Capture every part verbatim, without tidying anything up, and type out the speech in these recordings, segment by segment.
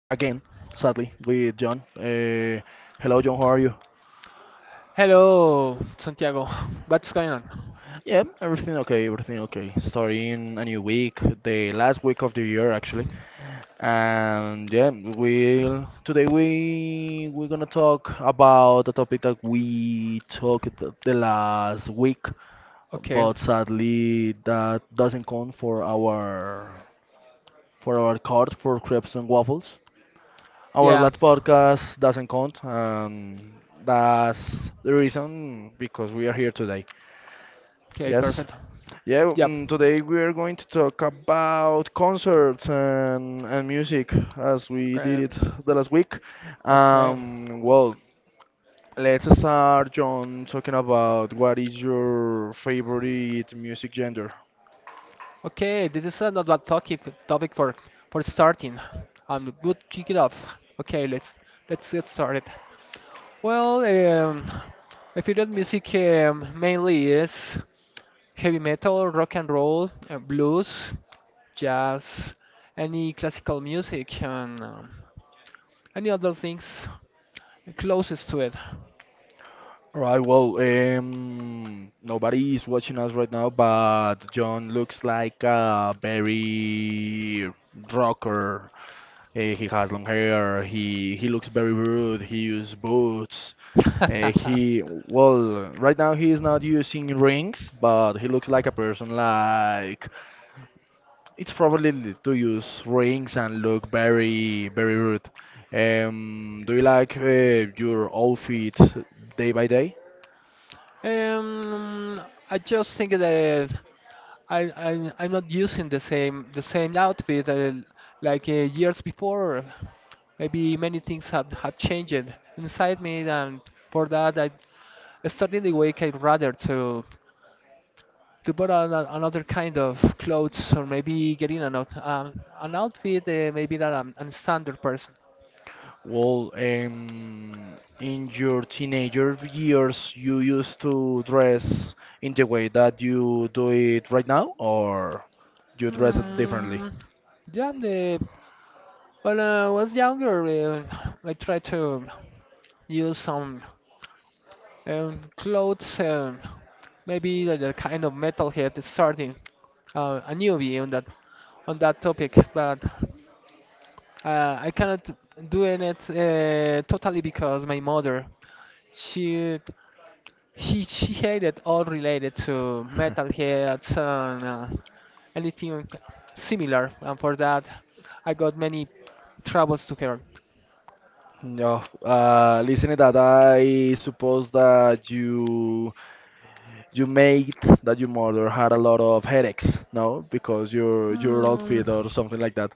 sadly, with John. Uh, hello, John, how are you? Yeah, everything okay, everything okay. Starting a new week, the last week of the year actually. And yeah, we'll today we we're gonna talk about the topic that we talked the the last week, but sadly that doesn't count for our for our card for crepes and waffles. Our last podcast doesn't count, and that's the reason because we are here today. Yes. Yeah, mm, today we are going to talk about concerts and, and music as we did it the last week. Um, well, let's start, John, talking about what is your favorite music genre? All right, well, um, nobody is watching us right now, but John looks like a very rocker. Eh, he has long hair. He he looks very rude. He uses boots. Eh, he well, right now he is not using rings, but he looks like a person like it's probably l- to use rings and look very very rude. Um, do you like uh, your outfit day by day? Well, um, in your teenager years, you used to dress in the way that you do it right now, or you dress it differently? No, uh, listening that I suppose that you you made that your mother had a lot of headaches, no? Because your your outfit or something like that.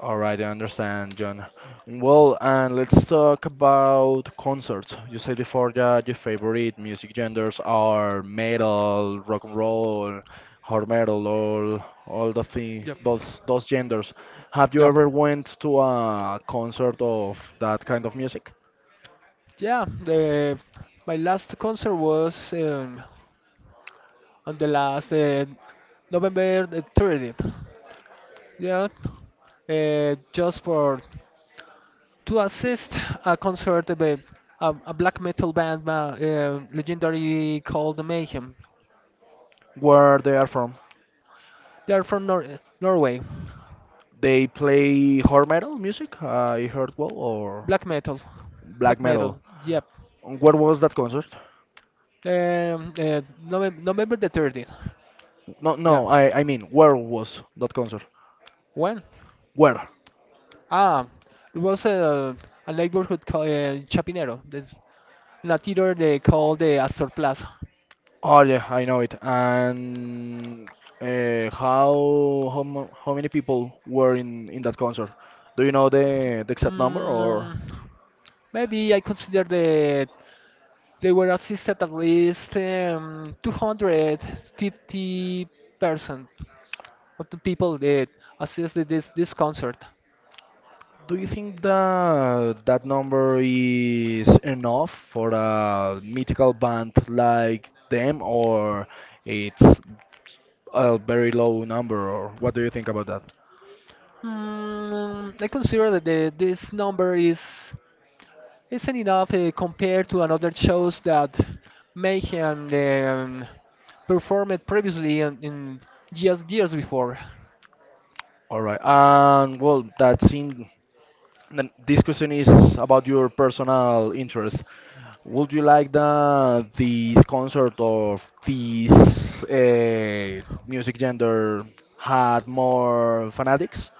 All right, I understand, John. Well, and let's talk about concerts. You said before that your favorite music genres are metal, rock and roll, hard metal, all all the thing, those those genders. Have you ever went to a concert of that kind of music? Where they are from? They play hard metal music, I heard well, or black metal. Where was that concert? No, no, I I mean, where was that concert? Where? Oh yeah, I know it. And uh, how how mu- how many people were in in that concert? Do you know the the exact number, or do you think that that number is enough for a mythical band like them, or it's a very low number, or what do you think about that? All right. And well, that's in then this question is about your personal interest. Would you like that this concert of this uh, music genre had more fanatics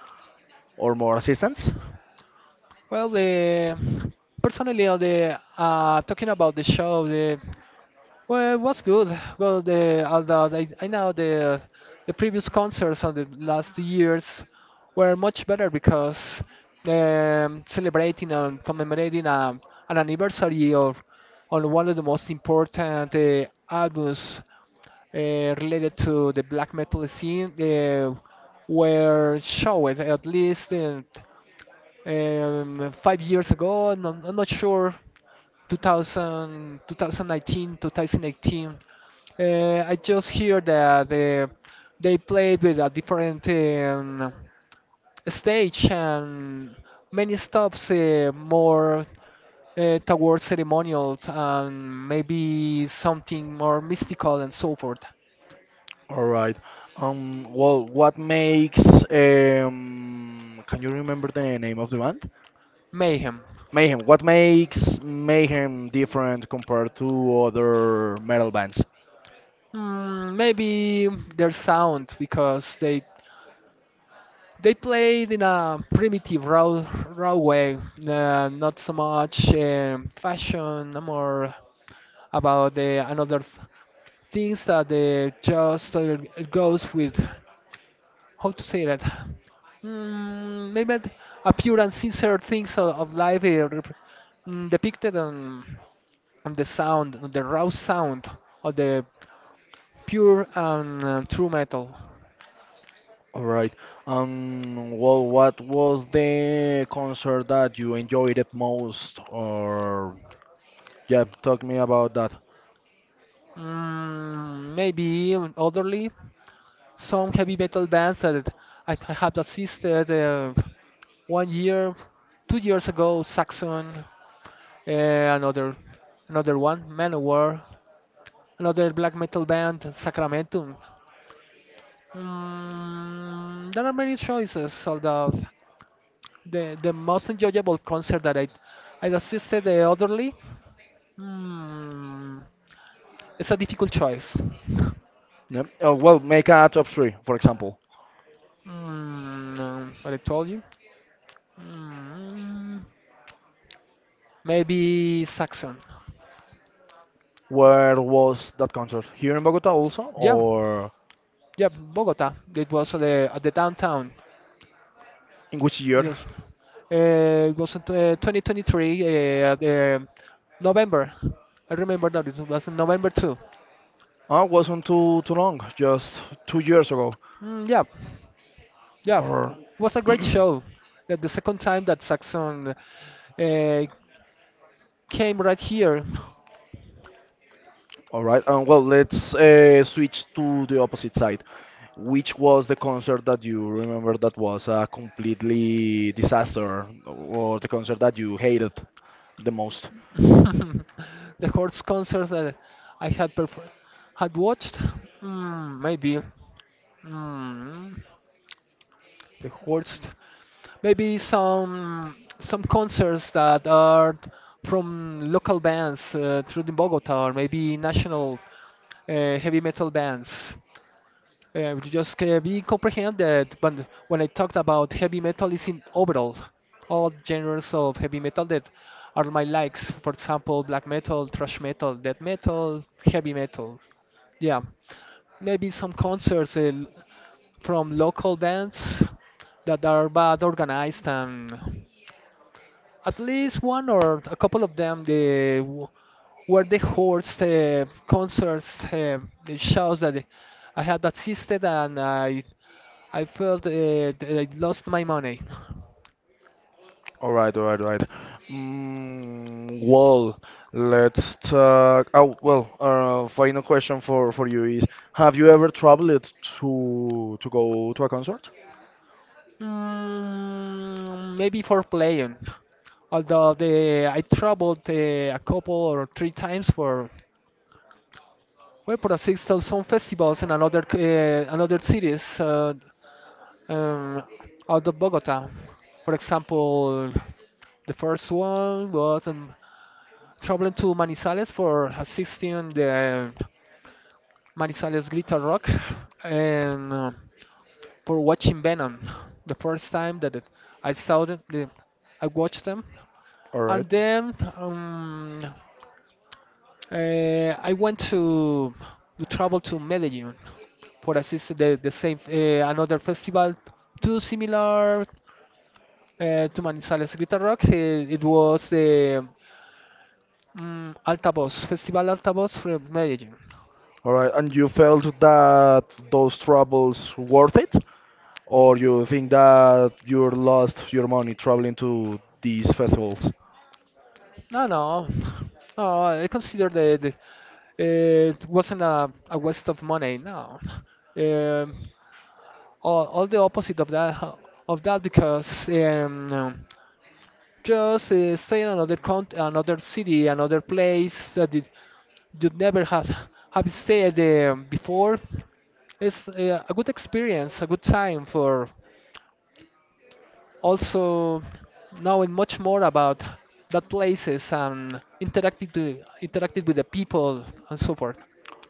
or more assistants? All right. Um, well, what makes um, can you remember the name of the band? Mayhem. What makes Mayhem different compared to other metal bands? All right. Um, well, what was the concert that you enjoyed it most? Or, yeah, talk me about that. Yep. Oh, well, make a top three, for example. Where was that concert? Here in Bogota also, or in which year? Oh, it wasn't too too long, just two years ago. Or, All right. Um, well, let's uh, switch to the opposite side. Which was the concert that you remember that was a completely disaster, or the concert that you hated the most? All right, all right, all right. Mm, well, let's talk. Oh, well, uh, final question for for you is: Have you ever traveled to to go to a concert? All right, all right. And you felt that those troubles worth it? Or you think that you lost your money traveling to these festivals.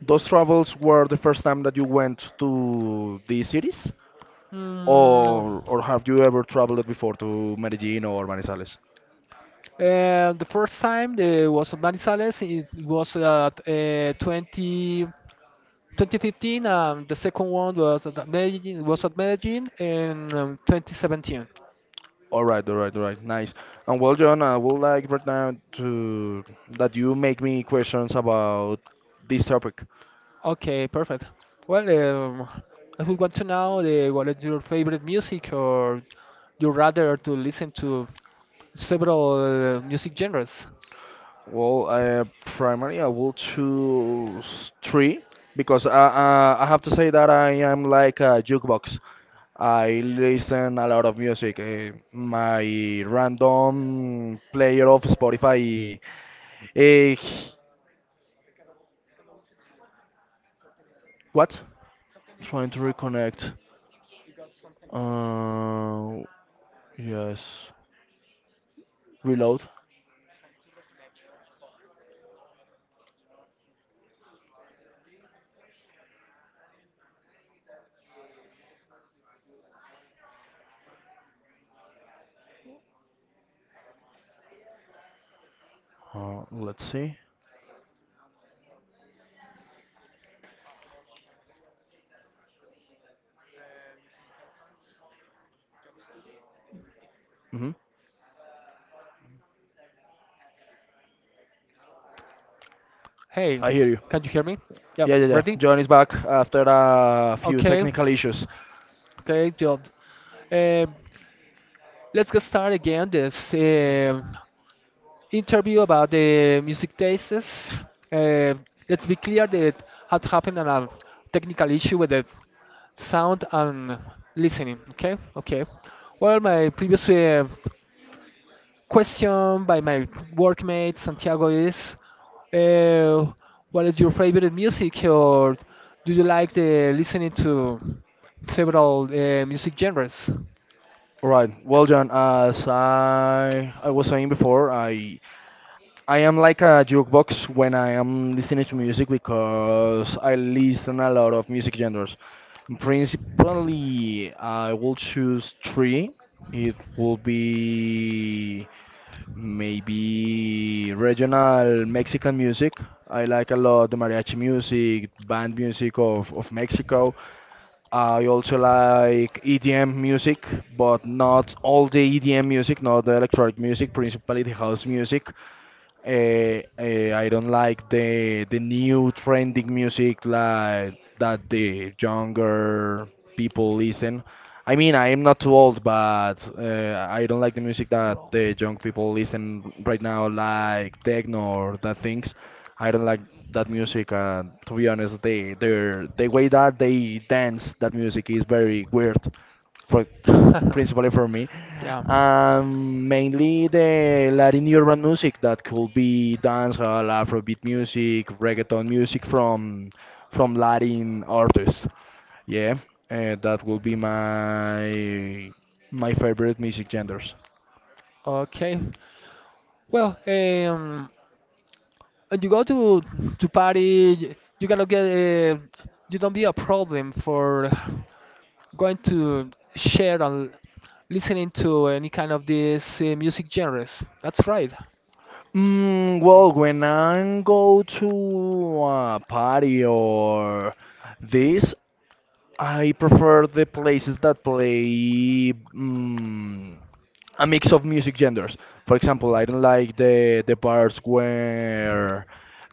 Those travels were the first time that you went to these cities, or or have you ever traveled before to Medellin or Manizales? All right, all right, all right, nice. And well, John, I would like right now to that you make me questions about this topic. Well, uh, primarily I will choose three because I, uh, I have to say that I am like a jukebox. I listen a lot of music. Uh, my random player of Spotify. Uh, what? Trying to reconnect. Uh, yes. Reload. Uh, let's see. hmm Hey, I hear you. can you hear me? Yeah, Yeah, yeah, yeah. ready? John is back after a few Okay, technical issues. okay, job. Um, let's get started again. This um interview about the music tastes. Um let's be clear that it had happened on a technical issue with the sound and listening. Okay, okay. Well, my previous uh, question by my workmate Santiago is, uh, what is your favorite music, or do you like the listening to several uh, music genres? All right. Well, John, as I I was saying before, I I am like a jukebox when I am listening to music because I listen a lot of music genres. Principally, I will choose three. It will be maybe regional Mexican music. I like a lot the mariachi music, band music of, of Mexico. I also like E D M music, but not all the E D M music, not the electronic music, principally the house music. Uh, uh, I don't like the the new trending music like that the younger people listen. I mean, I am not too old, but uh, I don't like the music that the young people listen right now, like techno or that things. I don't like that music. And to be honest, they their the way that they dance that music is very weird, for principally for me. Yeah. Um, mainly the Latin urban music that could be dancehall, Afrobeat music, reggaeton music from from Latin artists. Yeah, uh, that will be my my favorite music genders. Okay. Well, um, when you go to to party, y- you cannot get uh, you don't be a problem for going to share and listening to any kind of these uh, music genres. That's right. Mm, well, when I go to a party or this, I prefer the places that play. Mm, a mix of music genres. For example, I don't like the the bars where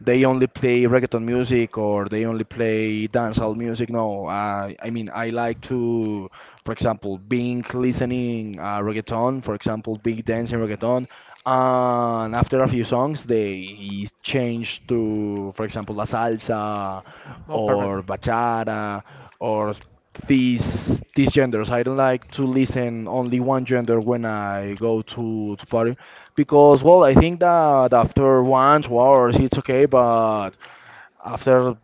they only play reggaeton music or they only play dancehall music. No, I I mean I like to, for example, being listening uh, reggaeton. For example, being dancing reggaeton, and after a few songs they change to, for example, la salsa Oh, perfect. or bachata or these these genders. I don't like to listen only one gender when I go to to party because well, I think that after one two hours it's okay, but after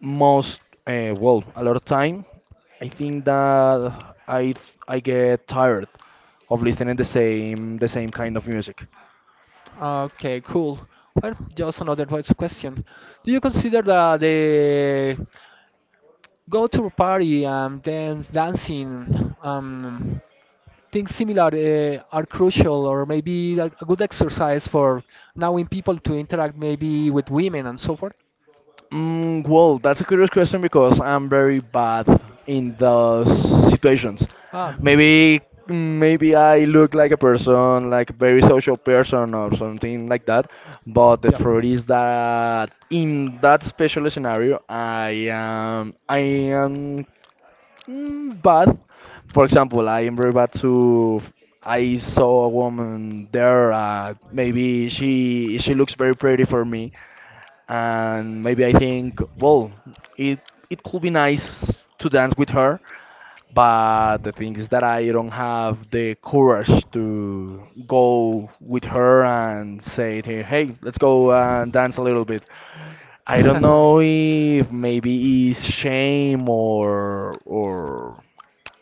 most uh, well a lot of time, I think that I I get tired of listening the same the same kind of music. Okay, cool. Well, just another voice question. Do you consider that the go to a party and then dancing um, things similar uh, are crucial or maybe a a good exercise for knowing people to interact maybe with women and so forth? Mm, well, that's a curious question because I'm very bad in those situations. Um, Maybe maybe I look like a person, like a very social person or something like that, but the yep. truth is that in that special scenario, I am I am Mm, but for example, I remember back to I saw a woman there. Uh, maybe she she looks very pretty for me, and maybe I think, well, it it could be nice to dance with her. But the thing is that I don't have the courage to go with her and say to her, hey, let's go and dance a little bit. I don't know if maybe it's shame or or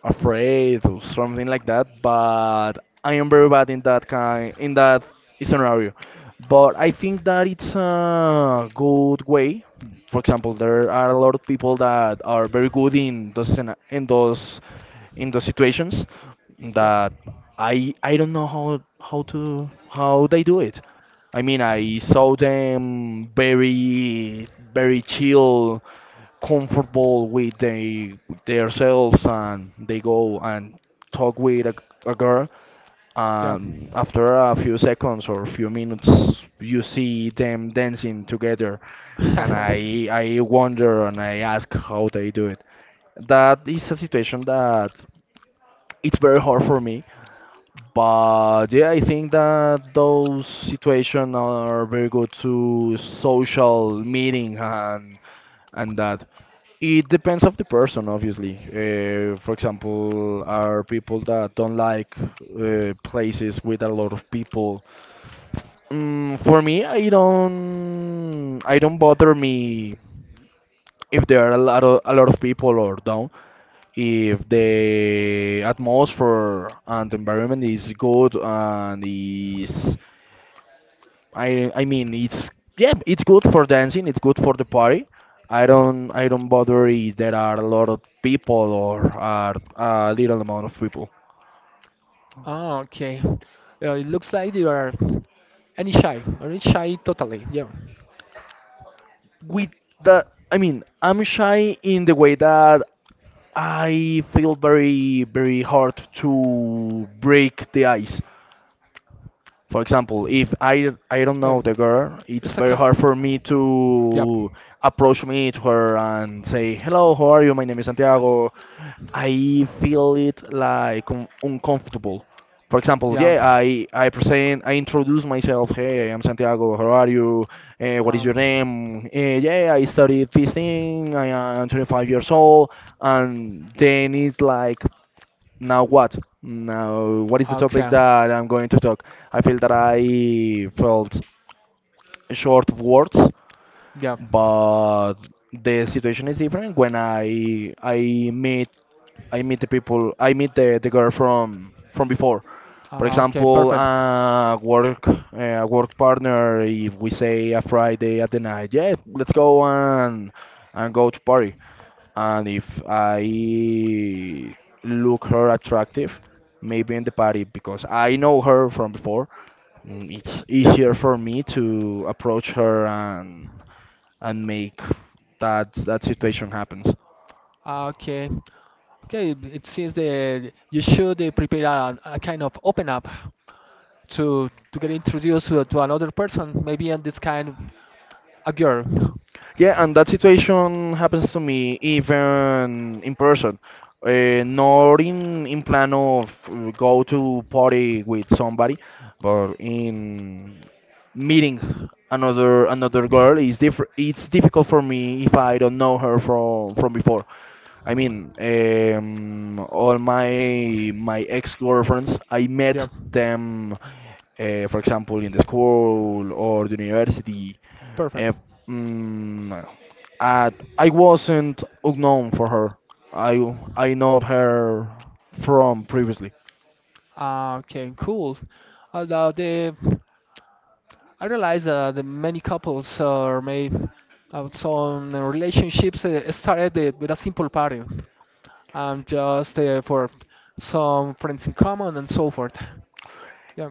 afraid or something like that. But I am very bad in that kind in that scenario. But I think that it's a good way. For example, there are a lot of people that are very good in those scena- in those in those situations Yep. that I I don't know how how to how they do it. I mean, I saw them very very chill comfortable with they with themselves and they go and talk with a, a girl Yep. and after a few seconds or few minutes you see them dancing together and I I wonder and I ask how they do it. That is a situation that it's very hard for me but yeah, I think that those situations are very good to social meeting and and that. It depends of the person, obviously. Uh, for example, are people that don't like uh, places with a lot of people. Mm, for me, I don't, I don't bother me if there are a lot of a lot of people or don't if the atmosphere and environment is good and is I I mean it's yeah it's good for dancing it's good for the party I don't I don't bother if there are a lot of people or are a little amount of people Oh, okay. Uh, it looks like you are any shy, or any shy totally. Yeah. with the I mean I'm shy in the way that I feel very very hard to break the ice. For example, if I I don't know Um, the girl, it's it's a very kind. hard for me Yep. to approach me to her and say, "Hello, how are you? My name is Santiago." I feel it like un- uncomfortable. For example, Yeah. yeah, I I present, I introduce myself. Hey, I am Santiago. How are you? Eh, what is your Um. name? Eh, yeah, I studied this thing. I am twenty-five years old, and then it's like now what? Now what is the topic Okay. that I'm going to talk? I feel that I felt short of words, Yeah. but the situation is different when I I meet I meet the people I meet the, the girl from from before. For Uh, okay. example, Perfect. a work a work partner. If we say a Friday at the night, yeah, let's go and and go to party and if I look her attractive, maybe in the party because I know her from before, mm, it's Yeah. easier for me to approach her and and make that that situation happens. Okay. Okay. It seems that you should uh, prepare a, a kind of open up to to get introduced to, to another person, maybe in this kind of a girl. Yeah, and that situation happens to me even in person. Uh, not in in plan of uh, go to party with somebody, but in meeting another another girl is diff it's difficult for me if I don't know her from from before. I mean, um, all my my ex-girlfriends, I met Yeah. them, uh, for example, in the school or the university. Perfect. Uh, mm, and I wasn't unknown for her. I I know her from previously. Uh, okay. Cool. About the I realize uh, that many couples or maybe uh, some relationships uh, started with, with a simple party, um, just uh, for some friends in common and so forth. Yeah,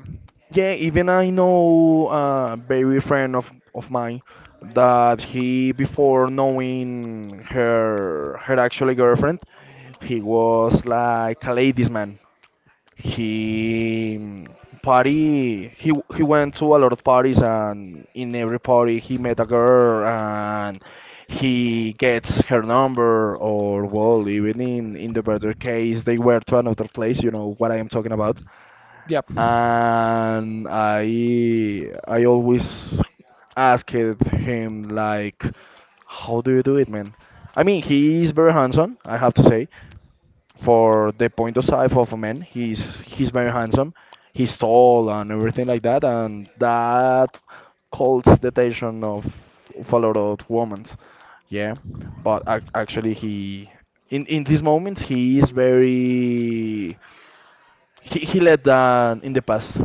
Yeah, even I know a very friend of, of mine that he, before knowing her her actually girlfriend, he was like a ladies man. He mm, party he w- he went to a lot of parties, and in every party he met a girl, and he gets her number, or well, even in in the better case they were to another place, you know what I am talking about. yep, And I I always asked him like, how do you do it, man? I mean, he is very handsome, I have to say. For the point of size of a man, he's he's very handsome. He's tall and everything like that, and that calls the attention of, of a lot of women. Yeah, but ac- actually, he in in these moments he is very he he led uh, in the past.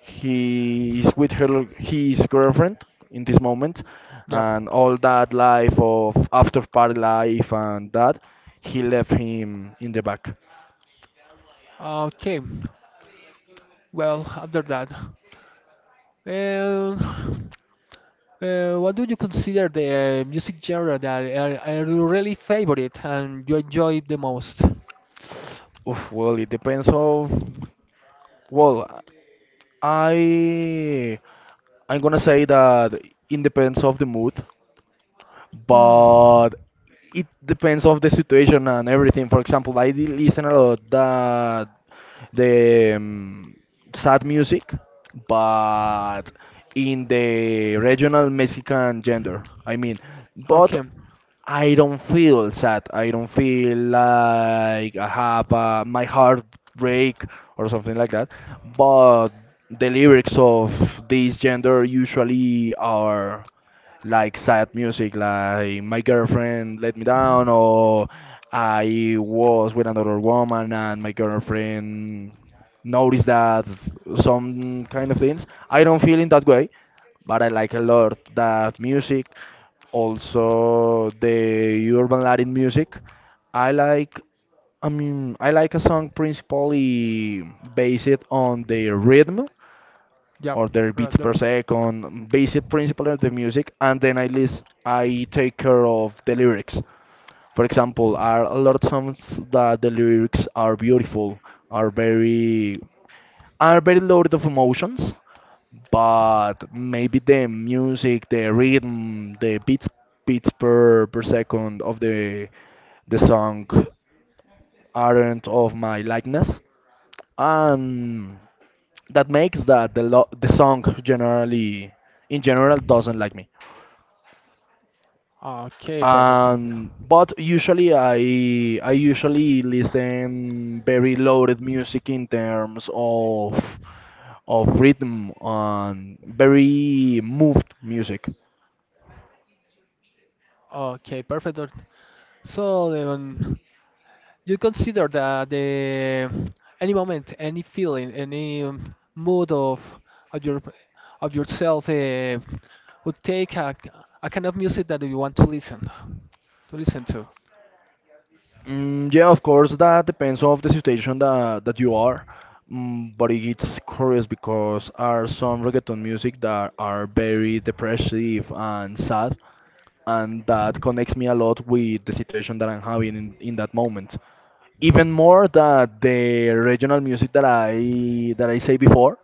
He is with her his girlfriend in this moment, yep. and all that life of after party life and that he left him in the back. Okay, well, after that, well, uh, what do you consider the music genre that are, are you really favorite and you enjoy the most? Oof, well, it depends of. Well, I I'm gonna say that it depends of the mood, Hmm. but it depends of the situation and everything. For example, I did listen a lot that the um, sad music, but in the regional Mexican gender. I mean, but Okay. I don't feel sad. I don't feel like I have uh, my heart break or something like that. But the lyrics of this gender usually are like sad music, like my girlfriend let me down, Hmm. or I was with another woman and my girlfriend noticed that some kind of things. I don't feel in that way, but I like a lot that music. Also, the urban Latin music. I like. I mean, I like a song principally based on the rhythm Yep. or their Right beats there. per second, basic principle of the music, and then I list, I take care of the lyrics. For example, are a lot of songs that the lyrics are beautiful, are very, are very loaded of emotions, but maybe the music, the rhythm, the beats beats per per second of the the song aren't of my likeness, and that makes that the lo- the song generally in general doesn't like me. Okay, perfect. Thank you. Um, but usually i i usually listen very loaded music in terms of of rhythm and very moved music. Okay, perfect. Dor- So, Leon, you consider that the any moment, any feeling, any um, mood of of your of yourself uh, would take a, a kind of music that you want to listen to listen to. Mm, yeah, of course, that depends of the situation that that you are. Mm, but it's curious because are some reggaeton music that are very depressive and sad, and that connects me a lot with the situation that I'm having in, in that moment. Even more than the regional music that I that I say before.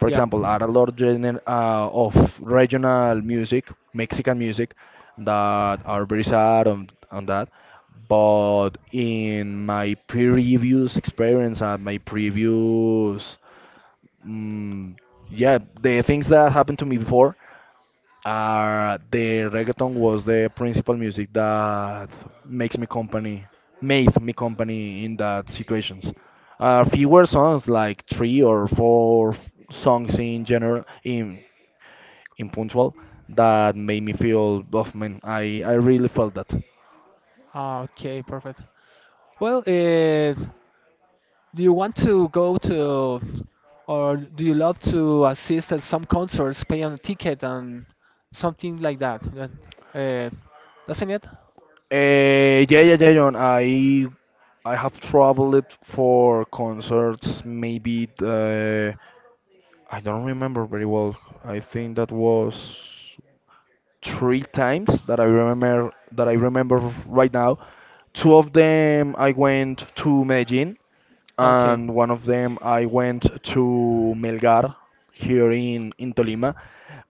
For Yep. example, are a lot gener- uh, of regional music, Mexican music, that are very sad on, on that. But in my previous experience and my previous, mm, yeah, the things that happened to me before, uh, the reggaeton was the principal music that makes me company, made me company in that situations. Uh, fewer songs, like three or four f- songs in general, in in puntual, that made me feel, oh man, I I really felt that. Ah, okay, perfect. Well, uh, do you want to go to or do you love to assist at some concerts, pay on a ticket and something like that? That- Uh, doesn't it? Uh, yeah, yeah, yeah, John. I I have traveled for concerts. Maybe uh, I don't remember very well. I think that was. Three times that I remember that I remember right now. Two of them I went to Medellin, Okay. and one of them I went to Melgar here in in Tolima.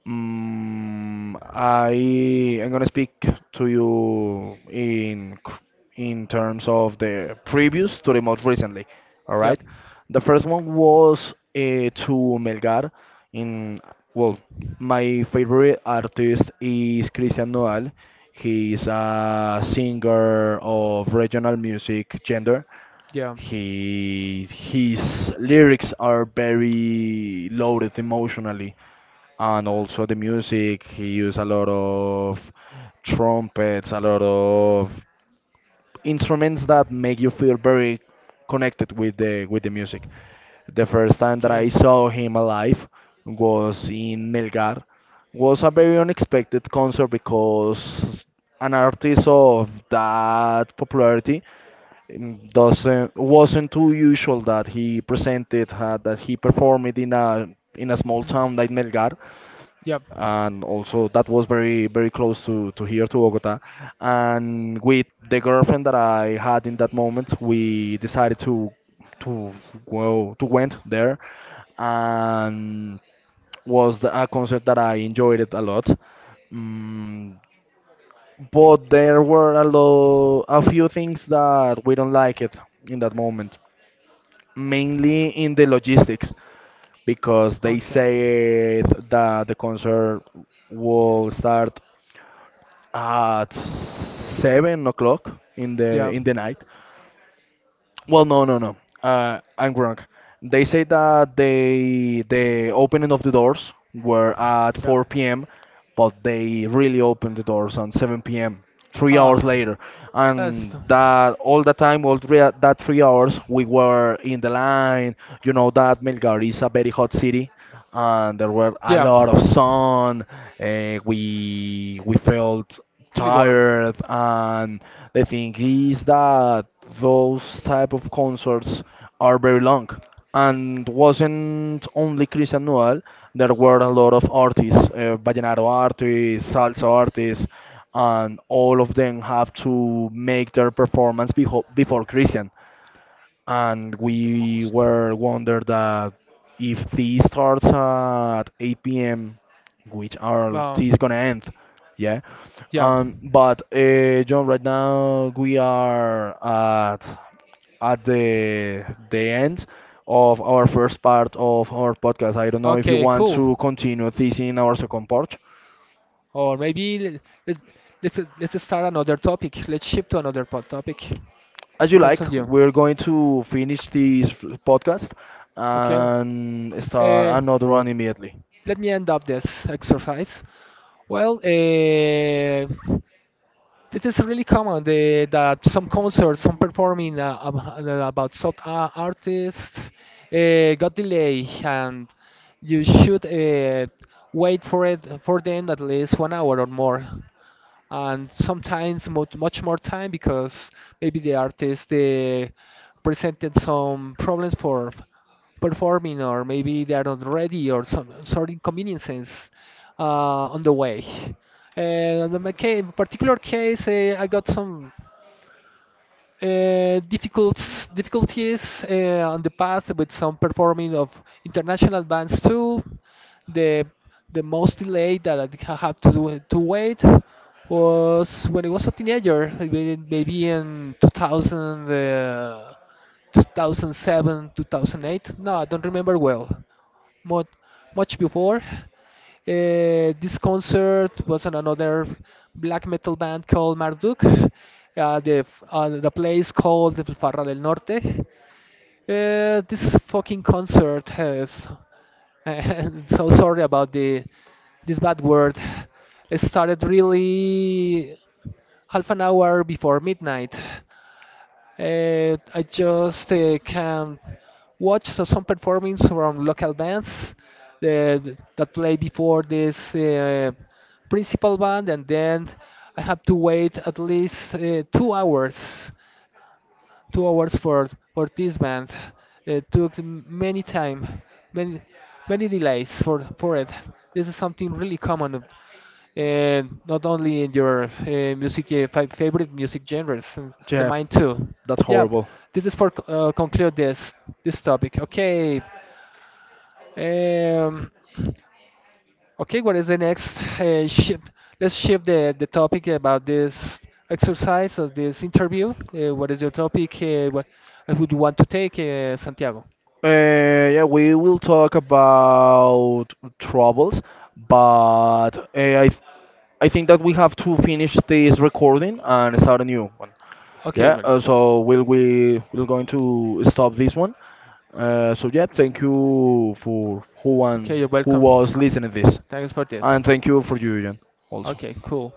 Mm, I I'm gonna speak to you in c- in terms of the previous to the most recently. All right. Yep. The first one was uh, to Melgar. In, well, my favorite artist is Christian Nodal. He is a singer of regional music gender. Yeah. He His lyrics are very loaded emotionally, and also the music. He used a lot of trumpets, a lot of instruments that make you feel very connected with the with the music. The first time that Okay. I saw him alive was in Melgar. Was a very unexpected concert because an artist of that popularity, mm, doesn't wasn't too usual that he presented uh, that he performed it in a in a small town like Melgar, Yep. and also that was very very close to to here to Bogota, and with the girlfriend that I had in that moment we decided to to go to went there, and was the, a concert that I enjoyed it a lot. Mm, but there were a lo a few things that we don't like it in that moment, mainly in the logistics, because they Okay. said that the concert will start at seven o'clock in the Yep. in the night. Well, no, no, no. Uh, I'm wrong. They say that they the opening of the doors were at Yep. four p m, but they really opened the doors on seven p m. Three hours Ah, later, that's and the that all the time, all three, that three hours, we were in the line. You know that Melgar is a very hot city, and there were a yeah, lot of sun. Uh, we we felt really warm, tired, and the thing is that those type of concerts are very long. And wasn't only Cristian Nodal. There were a lot of artists, uh, vallenato artists, salsa artists, and all of them have to make their performance beho- before Christian, and like the we most. were wonder that if this starts at eight p m, which are Well, this gonna end, yeah. yeah. Um, but uh, John, right now we are at at the the end of our first part of our podcast. I don't know if you Okay, want cool. to continue this in our second part. Or maybe let's let's let's start another topic. Let's shift to another po- topic. As you Depends like, on you. we're going to finish this podcast Okay. and start Uh, another one immediately. let me end up this exercise. Well, uh, this is really common the, that some concerts, some performing uh, ab- uh, about some uh, artists uh, got delay, and you should uh, wait for it for them at least one hour or more and sometimes much, much more time because maybe the artist uh, presented some problems for performing or maybe they are not ready or some sort of inconveniences uh, on the way. And in my case, particular case, uh, I got some uh, difficult difficulties uh, on the past with some performing of international bands too. The the most delay that I ha- had to do, to wait was when I was a teenager, maybe maybe in two thousand, uh, two thousand seven, two thousand eight. No, I don't remember well much, much before. Uh, this concert was on another black metal band called Marduk, uh, the, f- uh, the place called the Farra del Norte. Uh, this fucking concert has. I'm so sorry about the this bad word. It started really half an hour before midnight. Uh, I just uh, can watch so some performance from local bands uh, that play before this uh, principal band, and then I have to wait at least uh, two hours, two hours for for this band. It took m- many time, many many delays for for it. This is something really common and not only in your uh, music uh, fi- favorite music genres, and the Yeah, mine too. that's Yeah, horrible. this is for uh, conclude this this topic. Okay, um, okay. What is the next uh, shift? Let's shift the the topic about this exercise or this interview. Uh, what is your topic? Uh, what I would you want to take, uh, Santiago? Uh, yeah, we will talk about troubles, but uh, I, th- I think that we have to finish this recording and start a new one. Okay, Yeah, Manu. uh, so we'll we we're going to stop this one. Uh, so yeah, thank you for who and Okay, you're who welcome. was listening this, Thanks for this. and thank you for you, Jan, also. Okay, cool.